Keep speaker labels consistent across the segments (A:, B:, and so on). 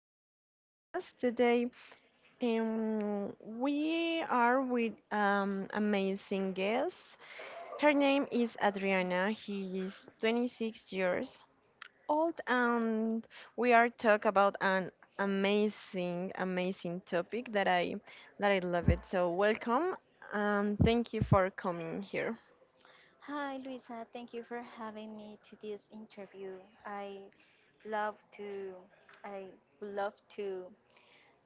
A: this podcast today. We are with amazing guest. Her name is Adriana. She is 26 years old, and we are talk about an amazing, amazing topic that I love it. So welcome and thank you for coming here.
B: Hi, Luisa. Thank you for having me to this interview. I love to, I would love to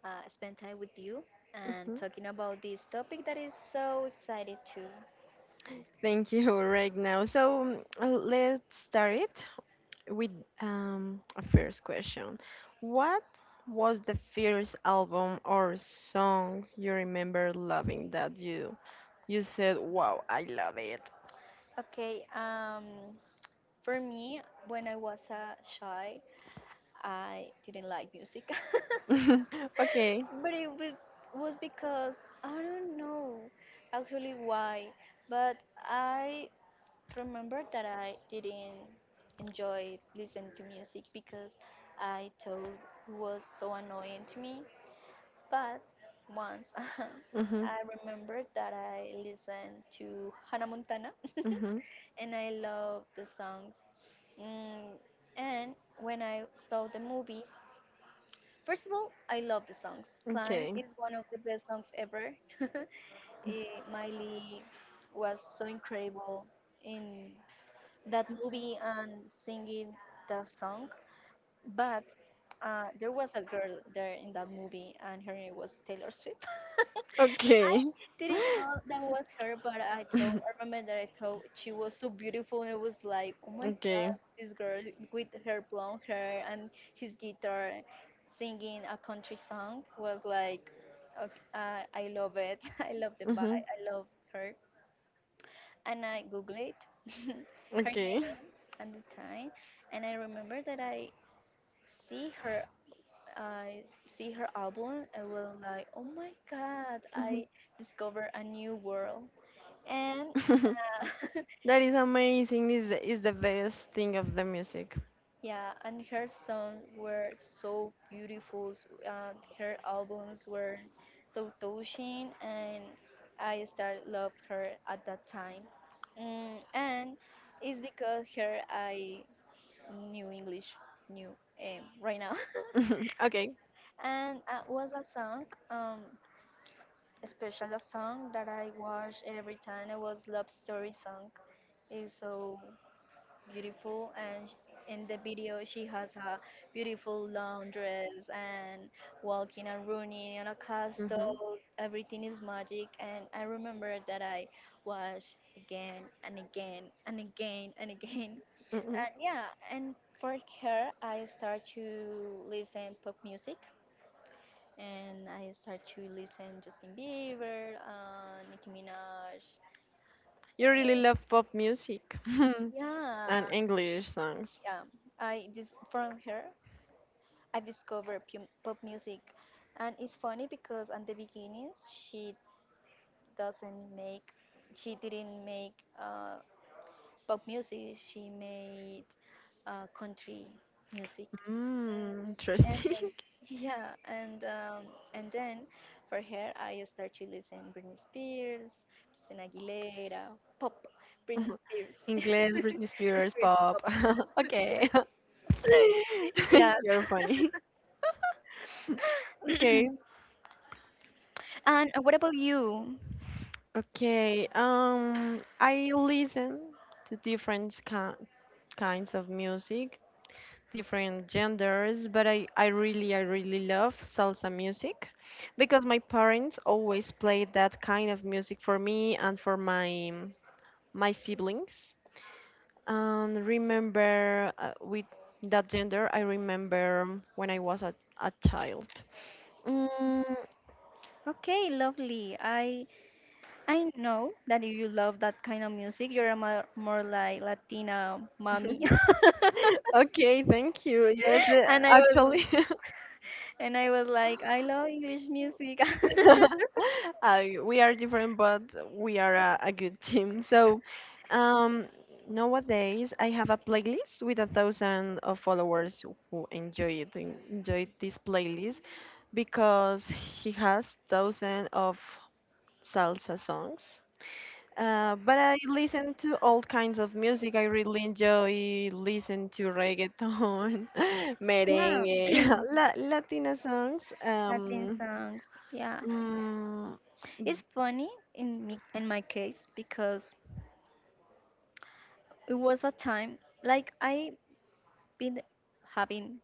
B: spend time with you and
A: Mhm.
B: talking about this topic that is so excited too.
A: Thank you right now. So let's start it with a first question. What was the first album or song you remember loving that you said, "Wow, I love it."
B: Okay. For me, when I was shy, I didn't like music,
A: Okay.
B: but it was because I don't know actually why, but I remember that I didn't enjoy listening to music because I thought it was so annoying to me. But once
A: Mhm.
B: I remembered that I listened to Hannah Montana
A: Mhm.
B: and I love the songs. Mm, and when I saw the movie, first of all, I love the songs. Climb
A: Okay.
B: is one of the best songs ever. Miley was so incredible in that movie and singing the song. But there was a girl there in that movie, and her name was Taylor Swift.
A: Okay.
B: Didn't know that was her, but I remember that I thought she was so beautiful, and I was like, oh my god,
A: Okay.
B: this girl with her blonde hair and his guitar singing a country song was like, okay, I love it. I love the vibe. I love her. And I googled her name and the time, and I remember that see her I see her album and was like, oh my god,
A: Mhm.
B: I discovered a new world. And uh,
A: That is amazing. Is the best thing of the music.
B: yeah, and her songs were so beautiful. Her albums were so touching, and I started love her at that time. And it's because her I knew English, knew right now.
A: Mhm. Okay.
B: And was a song. Especially a song that I watched every time. It was Love Story song. Is so beautiful, and in the video she has a beautiful long dress and walking and running on a
A: Mm-hmm.
B: castle. Everything is magic, and I remember that I watched again and again and again and again.
A: Hmm.
B: And yeah, and for her, I start to listen pop music and I start to listen Justin Bieber, Nicki Minaj.
A: You really love pop music.
B: Mhm.
A: Yeah, and
B: Yeah,
A: English songs.
B: yeah. I dis from her I discovered pu pop music, and it's funny because at the beginning she doesn't make, she didn't make pop music. She made country music.
A: Mm,
B: And
A: interesting.
B: then, yeah, and then for her I start to listen Britney Spears, Christina Aguilera, pop, Britney Spears.
A: English, Britney Britney Spears, Spears
B: Spears
A: pop.
B: pop,
A: Pop. Okay. Yeah.
B: yes.
A: You're funny. Okay.
B: And what about you?
A: Okay. I listen to different kinds of music, different genders, but I really love salsa music because my parents always played that kind of music for me and for my siblings. And remember with that gender, I remember when I was a child. Mm,
B: Okay, lovely. I know that you love that kind of music. You're a, more like Latina mommy.
A: okay, thank you. Yes,
B: and i was
A: actually,
B: and I was like, I love English music.
A: we are different, but we are a good team. So um, nowadays, I have a playlist with 1,000 of followers who enjoy it, enjoy this playlist because he has thousand of salsa songs. But I listen to all kinds of music. I really enjoy listen to reggaeton,
B: yeah.
A: merengue, la Latina songs.
B: Latin songs, yeah.
A: Mm,
B: It's funny in my case because it was a time, like, I been having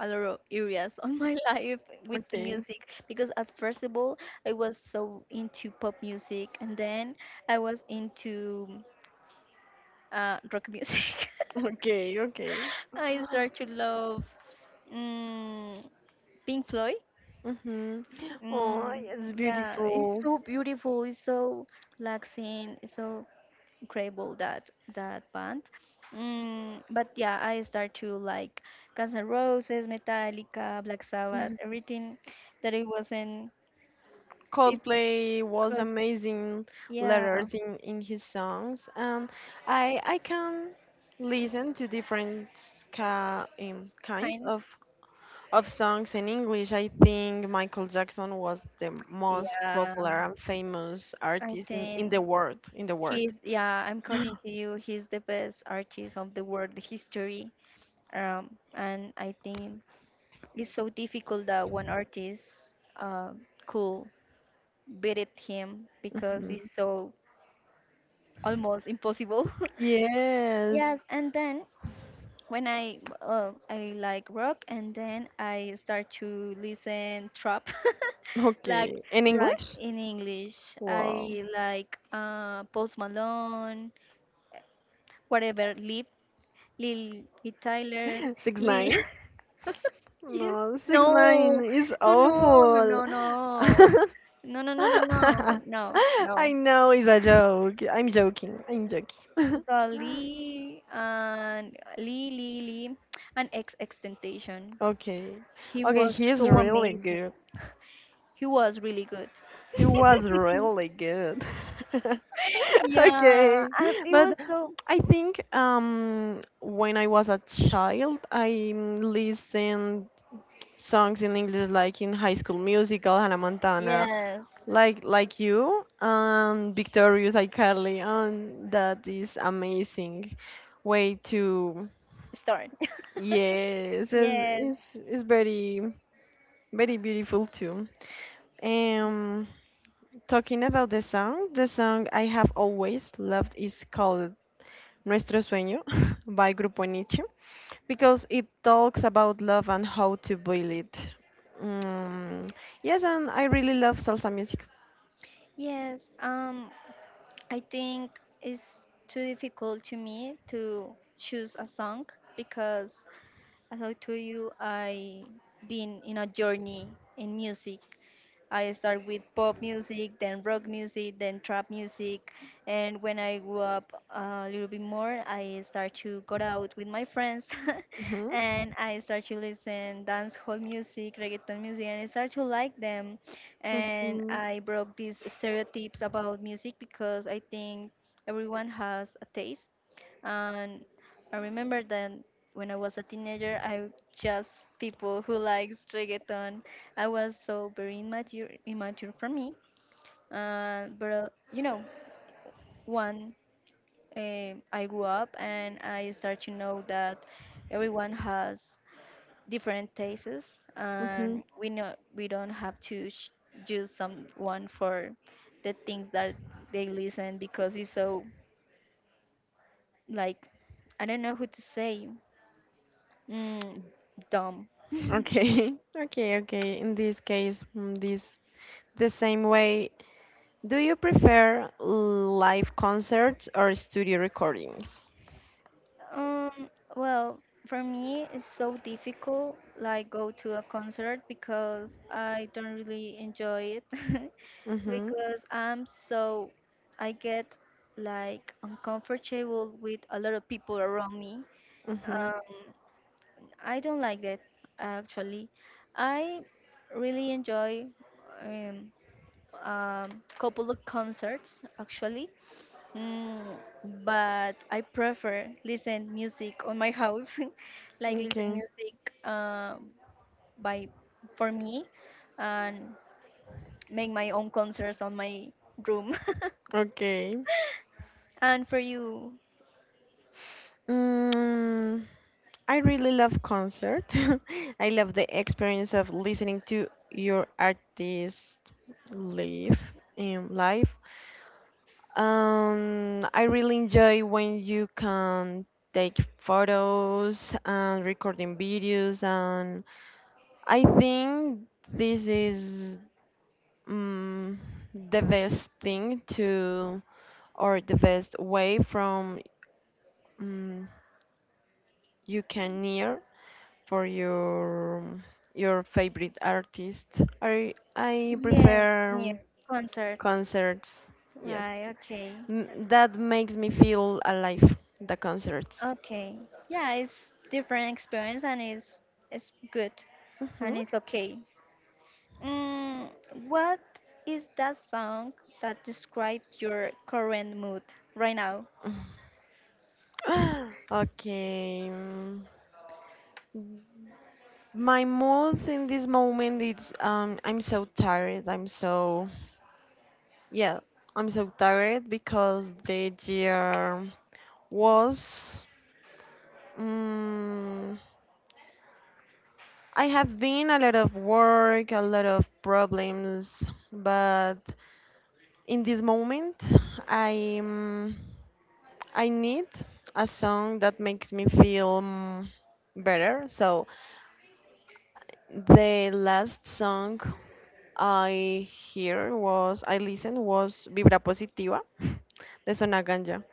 B: a lot of areas on my life with the
A: Okay.
B: music because at first of all I was so into pop music and then I was into rock music.
A: Okay, okay.
B: I start to love mm, Pink Floyd.
A: Mm-hmm. Oh,
B: Mm,
A: it's
B: yeah, it's
A: beautiful.
B: so beautiful. It's so relaxing. It's so incredible that that band. But yeah, I start to like Guns N' Roses, Metallica, Black Sabbath,
A: Mhm.
B: everything that it wasn't. It
A: Coldplay was
B: could,
A: amazing
B: yeah,
A: letters in his songs, and I can listen to different ca kinds
B: kind.
A: of songs in English. I think Michael Jackson was the most
B: Yeah,
A: popular and famous
B: I
A: artist in, in the
B: think
A: world in the world.
B: he's. Yeah, I'm according to you. He's the best artist of the world history. And I think it's so difficult that one artist uh, could beat it him because
A: Mhm.
B: it's so almost impossible.
A: Yes,
B: Yes, and then when I like rock, and then I start to listen trap, like
A: okay. In
B: rock
A: English?
B: in English.
A: Wow.
B: I like Post Malone, whatever, Lil Tyler,
A: Six
B: Lil.
A: nine?
B: Yes,
A: No,
B: no,
A: six nine is
B: no, no, no,
A: awful.
B: no, no, no, no, no, no, no, no, no.
A: I know it's a joke. I'm joking. I'm joking.
B: So Lee and Lee Lee Lee and X Extentation.
A: Okay.
B: He
A: Okay,
B: was
A: he's
B: so
A: really
B: amazing.
A: good.
B: He was really good.
A: He was really good.
B: yeah,
A: Okay.
B: and it was
A: But
B: so.
A: I think when I was a child I listened songs in English like in High School Musical, Hannah Montana,
B: Yes.
A: like you, Victorious iCarly, and that is amazing way to
B: Start.
A: yes, it's,
B: yes.
A: it's it's very very beautiful too. Um, talking about the song, I have always loved is called Nuestro Sueño by Grupo Nietzsche, because it talks about love and how to build it. Mm, yes, and I really love salsa music.
B: Yes. I think it's too difficult to me to choose a song because, as I told you, I been in a journey in music. I start with pop music, then rock music, then trap music. And when I grew up a little bit more, I start to go out with my friends
A: Hmm.
B: and I start to listen dance hall music, reggaeton music, and I start to like them. And
A: Hmm.
B: I broke these stereotypes about music because I think everyone has a taste and I remember that when I was a teenager, I just people who likes reggaeton. I was so very immature, immature for me. But one I grew up and I start to know that everyone has different tastes,
A: Hmm.
B: and we know we don't have to use someone for the things that they listen because it's so, like, I don't know who to say Mm, dumb.
A: Okay, okay, okay. In this case, this the same way. Do you prefer live concerts or studio recordings?
B: Um, well, for me, it's so difficult, like go to a concert because I don't really enjoy it
A: Hmm.
B: because I get like uncomfortable with a lot of people around me.
A: Hmm.
B: Um, I don't like that actually. I really enjoy um, couple of concerts actually, Mm, but I prefer listen music on my house, like listen
A: Okay.
B: music by for me, and make my own concerts on my room.
A: Okay.
B: And for you,
A: Mm, I really love concert. I love the experience of listening to your artist live in live. I really enjoy when you can take photos and recording videos, and I think this is um the best thing to or the best way from um you can near for your favorite artist? I
B: yes, near
A: prefer
B: concerts,
A: concerts. Yes,
B: right? Okay,
A: M that makes me feel alive. The concerts.
B: okay, yeah, it's different experience and it's good,
A: Mhm.
B: and it's okay. Mm, what is that song that describes your current mood right now?
A: Okay. My mood in this moment is I'm so tired. I'm so Yeah, I'm so tired because the year was, mm I have been a lot of work, a lot of problems, but in this moment, I I need a song that makes me feel better. So the last song I listened was Vibra Positiva de Sona Ganja.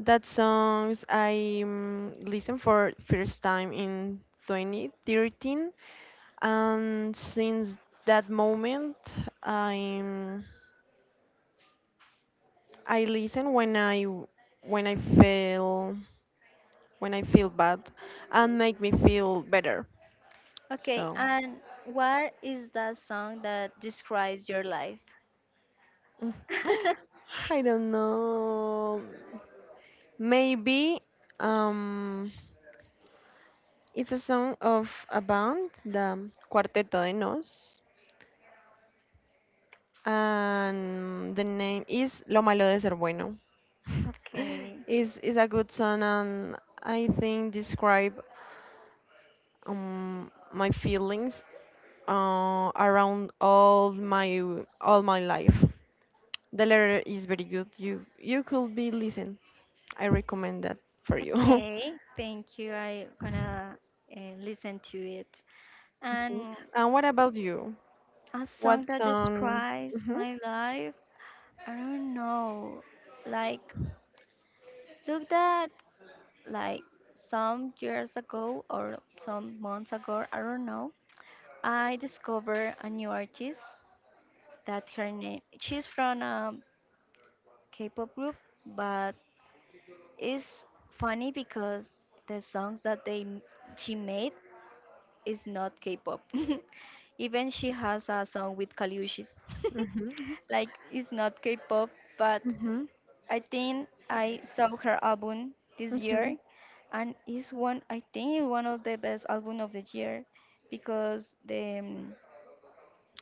A: That songs I listened for first time in 2013, and since that moment i'm I listen when when i feel I feel bad, and make me feel better.
B: Okay,
A: So
B: and what is that song that describes your life?
A: I don't know, maybe um it's a song of a band, the cuarteto de nos, and the name is lo malo de ser bueno.
B: Okay,
A: Is a good song, and I think describe my feelings around all my life. The letter is very good. You could be listen. I recommend that for you.
B: okay, thank you. I'm gonna listen to it.
A: Mhm.
B: And
A: And what about you?
B: a song
A: What's
B: that
A: on?
B: describes
A: Mhm,
B: my life, I don't know. Like, look that, like, some years ago or some months ago, I don't know. I discovered a new artist that her name she's from a K-pop group, but it's funny because the songs that she made is not K-pop. Even she has a song with Kaliushis.
A: mhm,
B: like it's not K-pop, but
A: mhm,
B: I think I saw her album this year,
A: mhm,
B: and it's one I think it's one of the best album of the year because the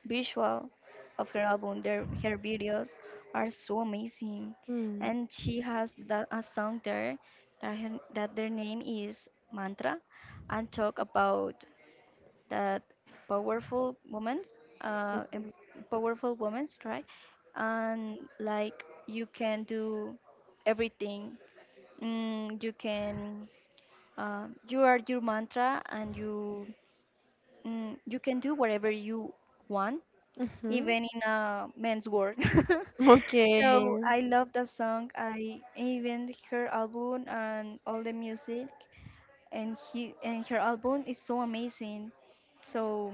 B: visual of her album. Her videos are so amazing,
A: mhm,
B: and she has that a song there that that their name is Mantra, and talk about that powerful woman's uh, em- powerful woman's right, and like you can do everything. You can you are your mantra, and you can do whatever you want
A: mhm. Mhm.
B: even in a men's work.
A: Okay.
B: so I love that song. I even her album and all the music and her album is so amazing. So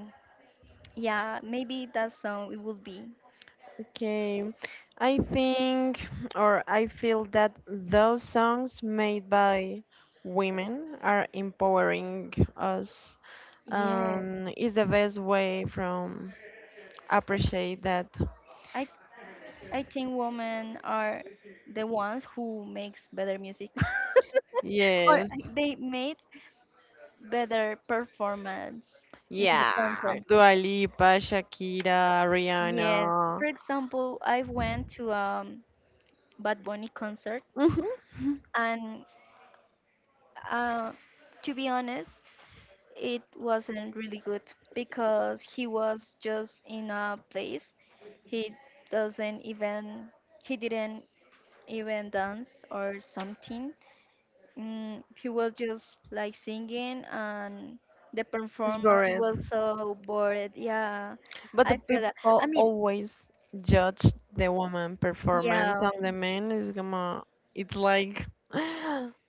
B: yeah, maybe that song it would be.
A: Okay, I think or I feel that those songs made by women are empowering us.
B: Yes.
A: Is the best way from appreciate that.
B: I I think women are the ones who makes better music or
A: Yes,
B: they made better performance in the
A: yeah,
B: concert.
A: Dua Lipa, Shakira,
B: Yes.
A: Rihanna.
B: For example, I went to Bad Bunny concert,
A: Mhm.
B: and uh, to be honest, it wasn't really good because he was just in a place he doesn't even he didn't even dance or something. He was just like singing, and the
A: It's
B: performance
A: bored.
B: was so bored. Yeah,
A: But the
B: I feel that.
A: people
B: I mean,
A: always judge the woman performance
B: yeah,
A: and the man is gonna it's like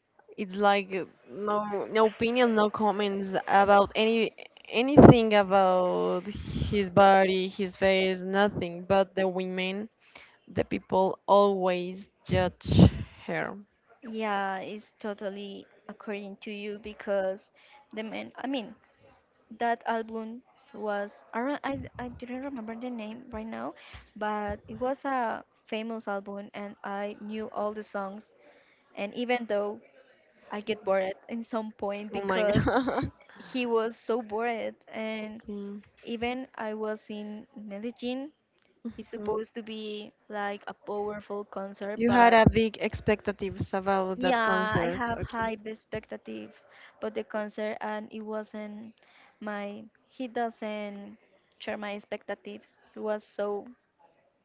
A: it's like no opinion, no comments about anything about his body, his face, nothing. But the women, the people always judge her.
B: yeah, it's totally according to you because the man. I mean, that album was I, re- I didn't remember the name right now, but it was a famous album and I knew all the songs and even though I get bored in some point
A: Oh my
B: because
A: god.
B: he was so bored and
A: Okay.
B: even I was in Medellin. It's supposed to be like a powerful concert,
A: You
B: but
A: had a big expectations about that
B: yeah, I
A: concert.
B: have high
A: Okay.
B: expectations, but the concert and it wasn't my. He doesn't share my expectations. It was so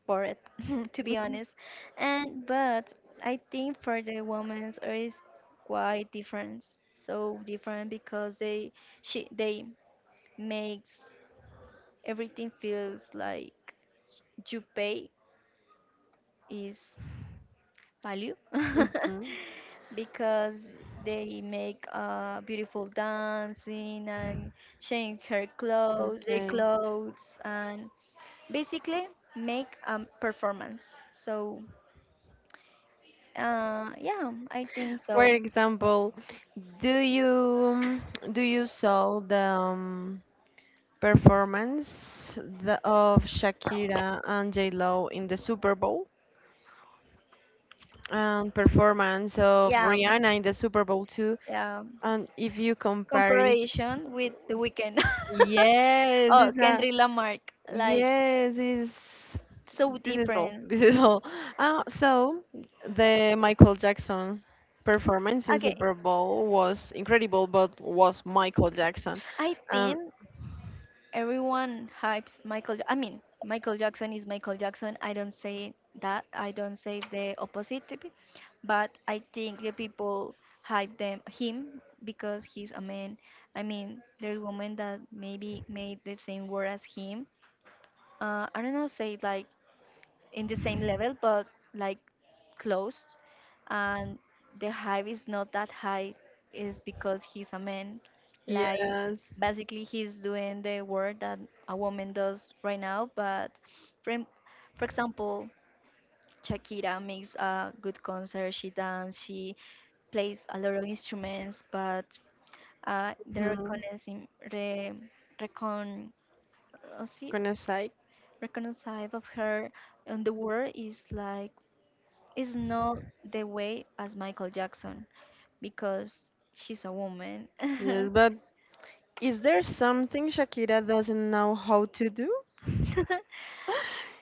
B: bored, to be honest. And but I think for the women's it is quite different, so different because they makes everything feels like you pay is value
A: Mhm.
B: because they make beautiful dancing and change their
A: Okay.
B: clothes, and basically make a performance. So yeah, I think
A: For
B: so.
A: example, do you do you saw the performance of Shakira and J Lo in the Super Bowl and performance of
B: Yeah,
A: Rihanna in the Super Bowl too?
B: yeah.
A: And if you compare it,
B: Comparison with the weekend.
A: yes,
B: oh,
A: it's a
B: Kendrick Lamarck, like
A: yes, it's
B: so
A: this is all.
B: different.
A: This is all. So the Michael Jackson performance in
B: Okay,
A: Super Bowl was incredible, but was Michael Jackson.
B: I
A: And
B: think everyone hypes Michael. I mean, Michael Jackson is Michael Jackson. I don't say that. I don't say the opposite, but I think the people hype them him because he's a man. I mean, there's women that maybe made the same word as him. I don't know, say like in the same level, but like close. And the hype is not that high, is because he's a man. Like
A: yes,
B: basically, he's doing the work that a woman does right now. But for, em- for example, Shakira makes a good concert. She dance. She plays a lot of instruments, but the
A: mhm,
B: recognizing re, recon, see,
A: gonna say
B: reconcile of her on the world is not the way as Michael Jackson because she's a woman.
A: yes. But is there something Shakira doesn't know how to do?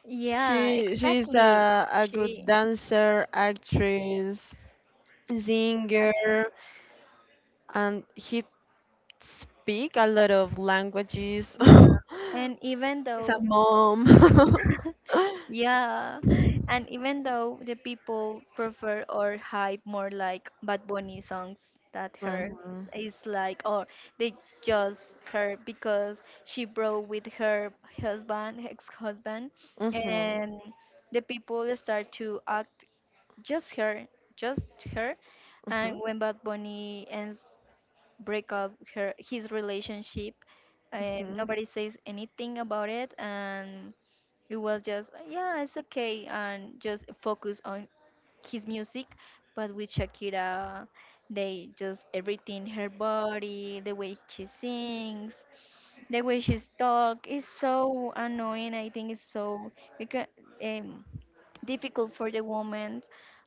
B: yeah,
A: She's
B: exactly.
A: a good
B: She
A: dancer, actress, singer.
B: exactly.
A: And he speak a lot of languages.
B: Yeah. And even
A: He's a
B: though
A: mom.
B: yeah, and even though the people prefer or hype more like Bad Bunny songs that hers
A: Mhm,
B: is like or they just her because she broke with her husband, ex-husband,
A: mhm,
B: and the people start to act just her, just her.
A: mhm,
B: And when Bad Bunny ends break up her his relationship, and
A: mhm.
B: nobody says anything about it, and it was just yeah, it's okay, and just focus on his music, but with Shakira, they just everything, her body, the way she sings, the way she talk is so annoying. I think it's so because, um, difficult for the woman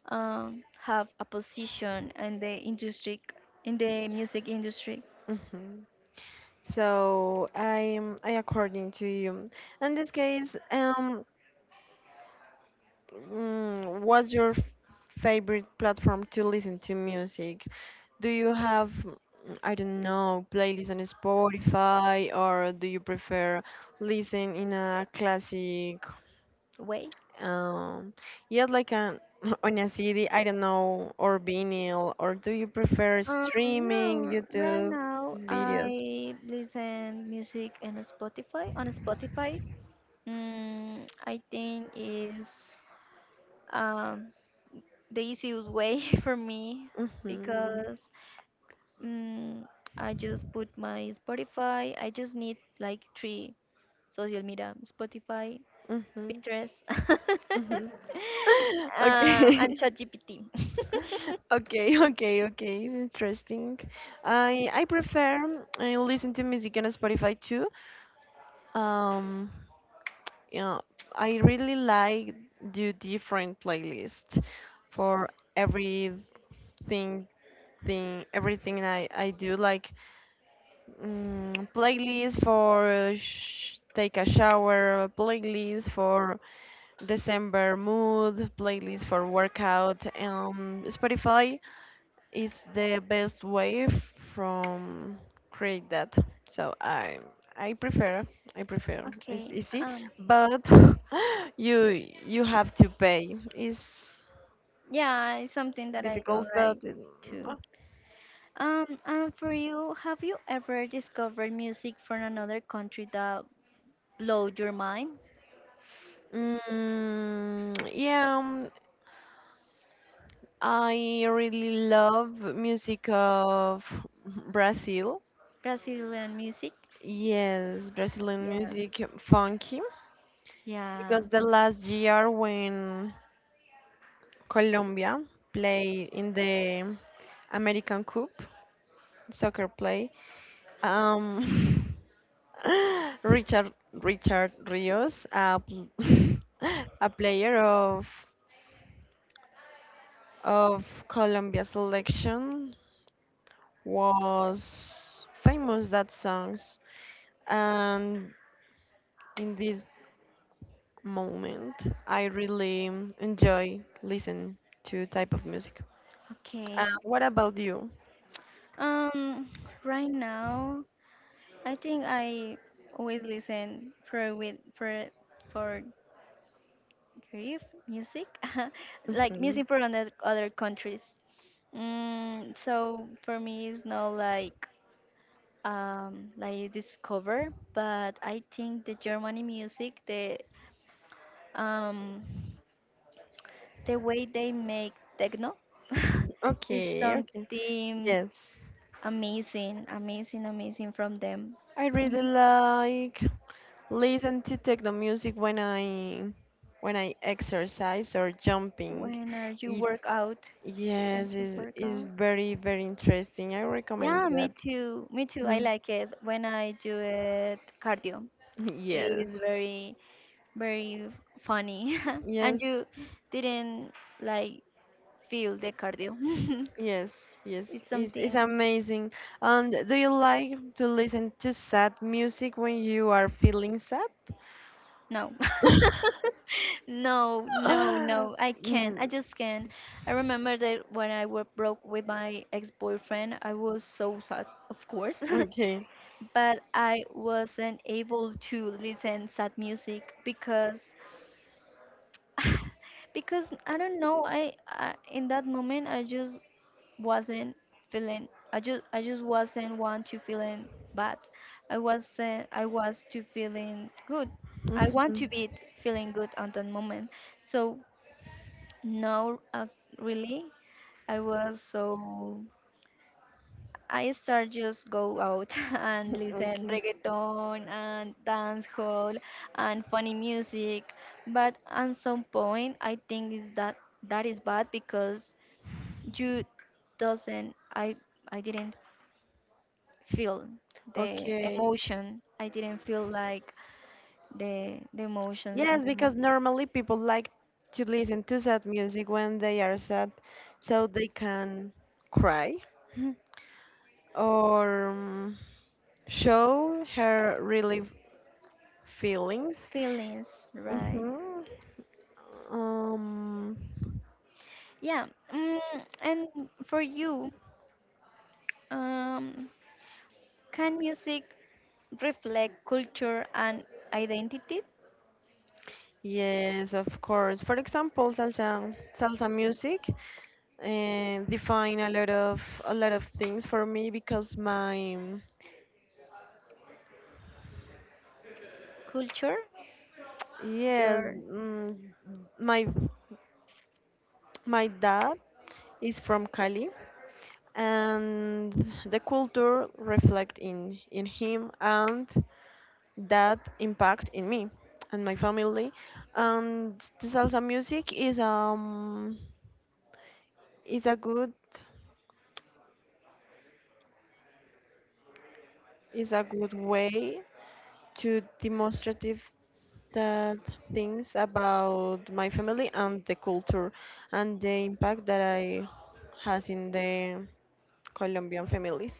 B: have a position in the industry, in the music industry.
A: Mhm. So I according to you. In this case, what's your favorite platform to listen to music? Do you have, I don't know, playlists on Spotify, or do you prefer listen in a classic,
B: Way?
A: um, yeah, like an on a CD, I don't know, or vinyl, or do you prefer streaming,
B: No, right
A: YouTube
B: now
A: videos?
B: I listen music in Spotify on Spotify. Mm, I think is um, the easiest way for me
A: Mm-hmm,
B: because mm, I just put my Spotify. I just need like three social media: Spotify,
A: mm-hmm,
B: Pinterest,
A: mm-hmm.
B: and
A: Okay.
B: ChatGPT.
A: Okay, okay, okay. It's interesting. I prefer, I listen to music on Spotify too. Um, yeah, I really like do different playlists for everything everything I do like playlist for sh take a shower, playlist for December mood, playlist for workout. Spotify is the best way from create that. So I prefer I prefer it's
B: Okay.
A: easy,
B: Um.
A: but you have to pay. It's
B: Yeah, it's something that I don't
A: difficult, but
B: like too. And for you, have you ever discovered music from another country that blew your mind?
A: yeah, I really love music of Brazil.
B: Brazilian music?
A: Yes, Brazilian
B: Yes.
A: music funky
B: Yeah.
A: because the last year when Colombia played in the American Cup soccer play. Um, Richard Rios, a player of Colombia selection, was famous that songs, and in this moment, I really enjoy listen to type of music.
B: Okay.
A: What about you?
B: Um, right now, I think I always listen for with for grief music, like
A: Mhm.
B: music from other countries. Mm, so for me, it's not like you discover, but I think the Germany music, um the way they make techno, is
A: Okay, okay.
B: something
A: Yes,
B: amazing, amazing, amazing from them.
A: I really
B: Mhm.
A: like listen to techno music when I exercise or jumping.
B: When are you
A: It,
B: work out? When
A: yes,
B: you
A: is
B: work
A: is
B: out?
A: very very interesting. I recommend
B: Yeah, me
A: that.
B: too. Me too. I
A: Mhm.
B: like it when I do it cardio. It
A: Yes,
B: is very, very funny. And
A: yes,
B: you didn't like feel the cardio.
A: yes, yes.
B: It's
A: It's
B: something.
A: amazing. And do you like to listen to sad music when you are feeling sad?
B: No. No, no, no. I can't.
A: Mm,
B: I just can't. I remember that when I were broke with my ex-boyfriend, I was so sad, of course.
A: okay.
B: But I wasn't able to listen sad music because because I don't know, I in that moment I just wasn't feeling, I just wasn't want to feeling bad. I wasn't I was to feeling good. I want
A: Mhm.
B: to be feeling good at that moment. So no really I was so I start just go out and listen
A: Okay.
B: reggaeton and dance hall and funny music, but at some point I think is that that is bad because you doesn't I didn't feel the
A: Okay.
B: emotion. I didn't feel like the emotions and
A: Yes,
B: the
A: because normally people like to listen to sad music when they are sad, so they can cry or show her really feelings.
B: feelings, right?
A: Hmm. Um,
B: Yeah. Mm, and for you, um, can music reflect culture and identity?
A: yes, of course. For example, salsa music. And define a lot of things for me because my,
B: Culture,
A: yes,
B: your
A: mm, my my dad is from Cali, and the culture reflect in him, and that impact in me and my family, and the salsa music is a good is a good way to demonstrative. That things about my family and the culture and the impact that I has in the Colombian families.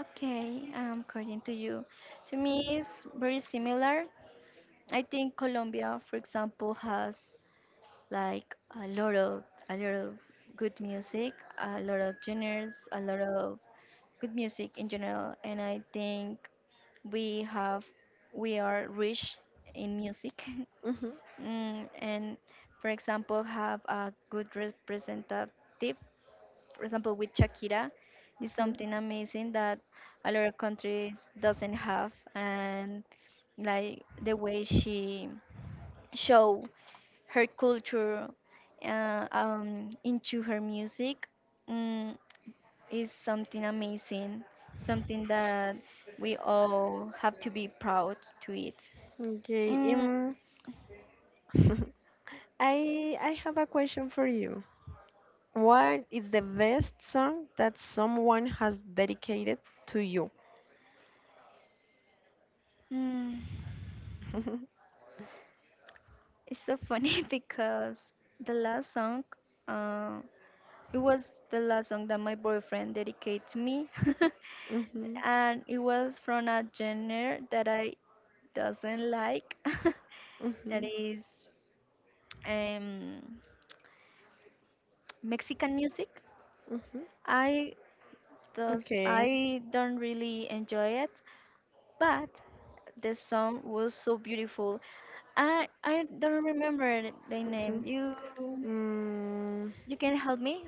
B: okay. According to you, to me, it's very similar. I think Colombia, for example, has like a lot of a lot of good music, a lot of genres, a lot of good music in general, and I think we have we are rich in music,
A: Hmm.
B: mm, and for example, have a good representative. For example, with Shakira, is
A: Hmm.
B: something amazing that a lot of countries doesn't have, and like the way she show her culture into her music, mm, is something amazing, something that we all have to be proud to it.
A: Okay.
B: Mm,
A: I have a question for you. What is the best song that someone has dedicated to you?
B: mm, it's so funny because the last song, uh, it was the last song that my boyfriend dedicated to me,
A: Mm-hmm,
B: and it was from a genre that I doesn't like, that
A: mm-hmm,
B: is um, Mexican music.
A: mm-hmm.
B: I does
A: Okay.
B: I don't really enjoy it, but the song was so beautiful. I don't remember the name.
A: Mm-hmm.
B: You
A: Mm,
B: you can help me?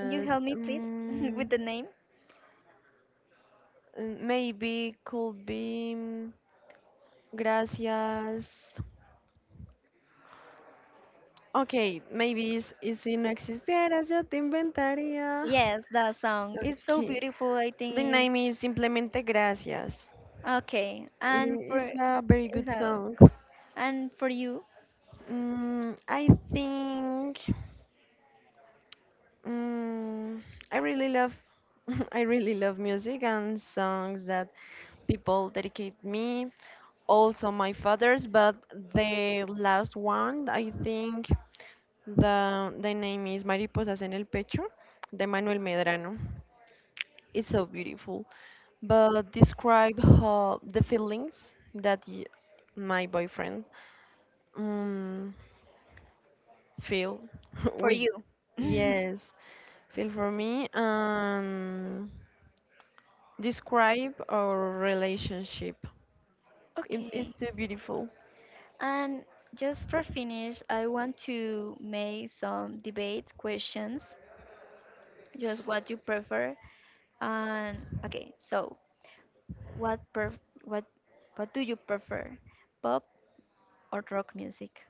B: Can you help me please with
A: Mm,
B: the name?
A: maybe could be. Gracias. Okay, maybe it's si no existieras, yo te inventaría.
B: Yes, that song is so
A: Okay.
B: beautiful. I
A: The
B: think
A: name
B: is
A: is Simplemente Gracias.
B: okay. And
A: It's
B: for
A: a very
B: is
A: good
B: out.
A: song.
B: And for you,
A: Mm, I think mm, I really love I really love music and songs that people dedicate me. Also my father's, but the last one I think The name is Mariposas en el Pecho, de Manuel Medrano. It's so beautiful. But describe how the feelings that my boyfriend um, feel
B: for
A: with,
B: you.
A: yes, feel for me and describe our relationship. It is
B: Okay.
A: too beautiful.
B: And just for finish, I want to make some debate questions just what you prefer and okay so what pref- what what do you prefer, pop or rock music?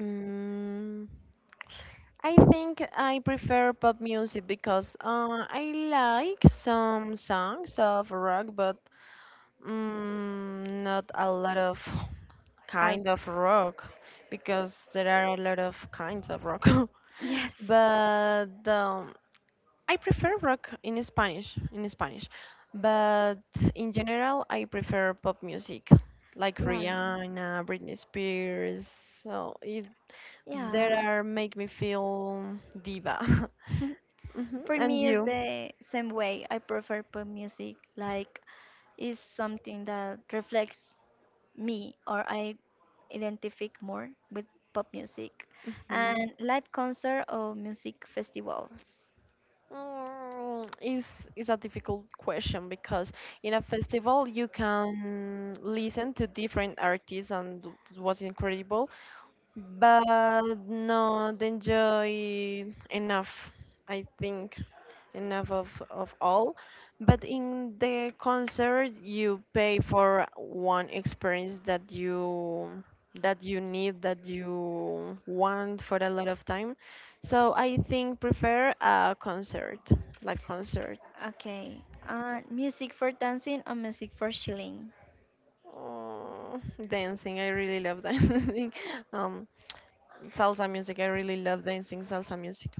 A: Mm, I think I prefer pop music because I like some songs of rock, but not a lot of kind
B: As
A: of rock because there are a lot of kinds of rock.
B: yes
A: But I prefer rock in Spanish. But in general, I prefer pop music, like
B: yeah
A: Rihanna, Britney Spears. So it
B: yeah.
A: there are make me feel diva. Hmm.
B: For
A: And
B: me it's
A: you?
B: the same way, I prefer pop music like it's something that reflects me or I identify more with pop music.
A: Hmm.
B: And live concert or music festivals?
A: Mm, is is a difficult question because in a festival you can listen to different artists, and it was incredible but not enjoy enough, I think enough of all, but in the concert you pay for one experience that you need that you want for a lot of time. So I think prefer a concert, live concert.
B: Okay. Music for dancing or music for chilling?
A: Oh, dancing I really love dancing um salsa music I really love dancing salsa music.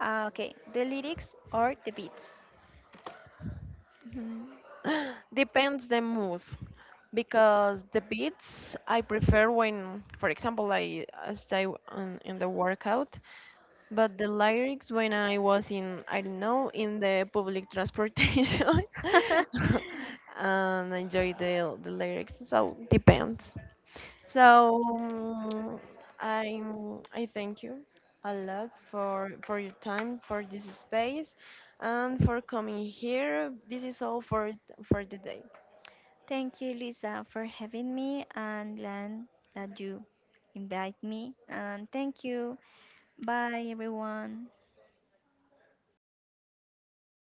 B: Okay. The lyrics or the beats?
A: Depends the mood, because the beats I prefer when, for example, I stay on, in the workout, but the lyrics when I was in, I don't know, in the public transportation, and enjoy the lyrics. So depends. So I I thank you a lot for your time, for this space, and for coming here. This is all for the day.
B: Thank you, Lisa, for having me, and Lan, that you invite me. And thank you. Bye, everyone.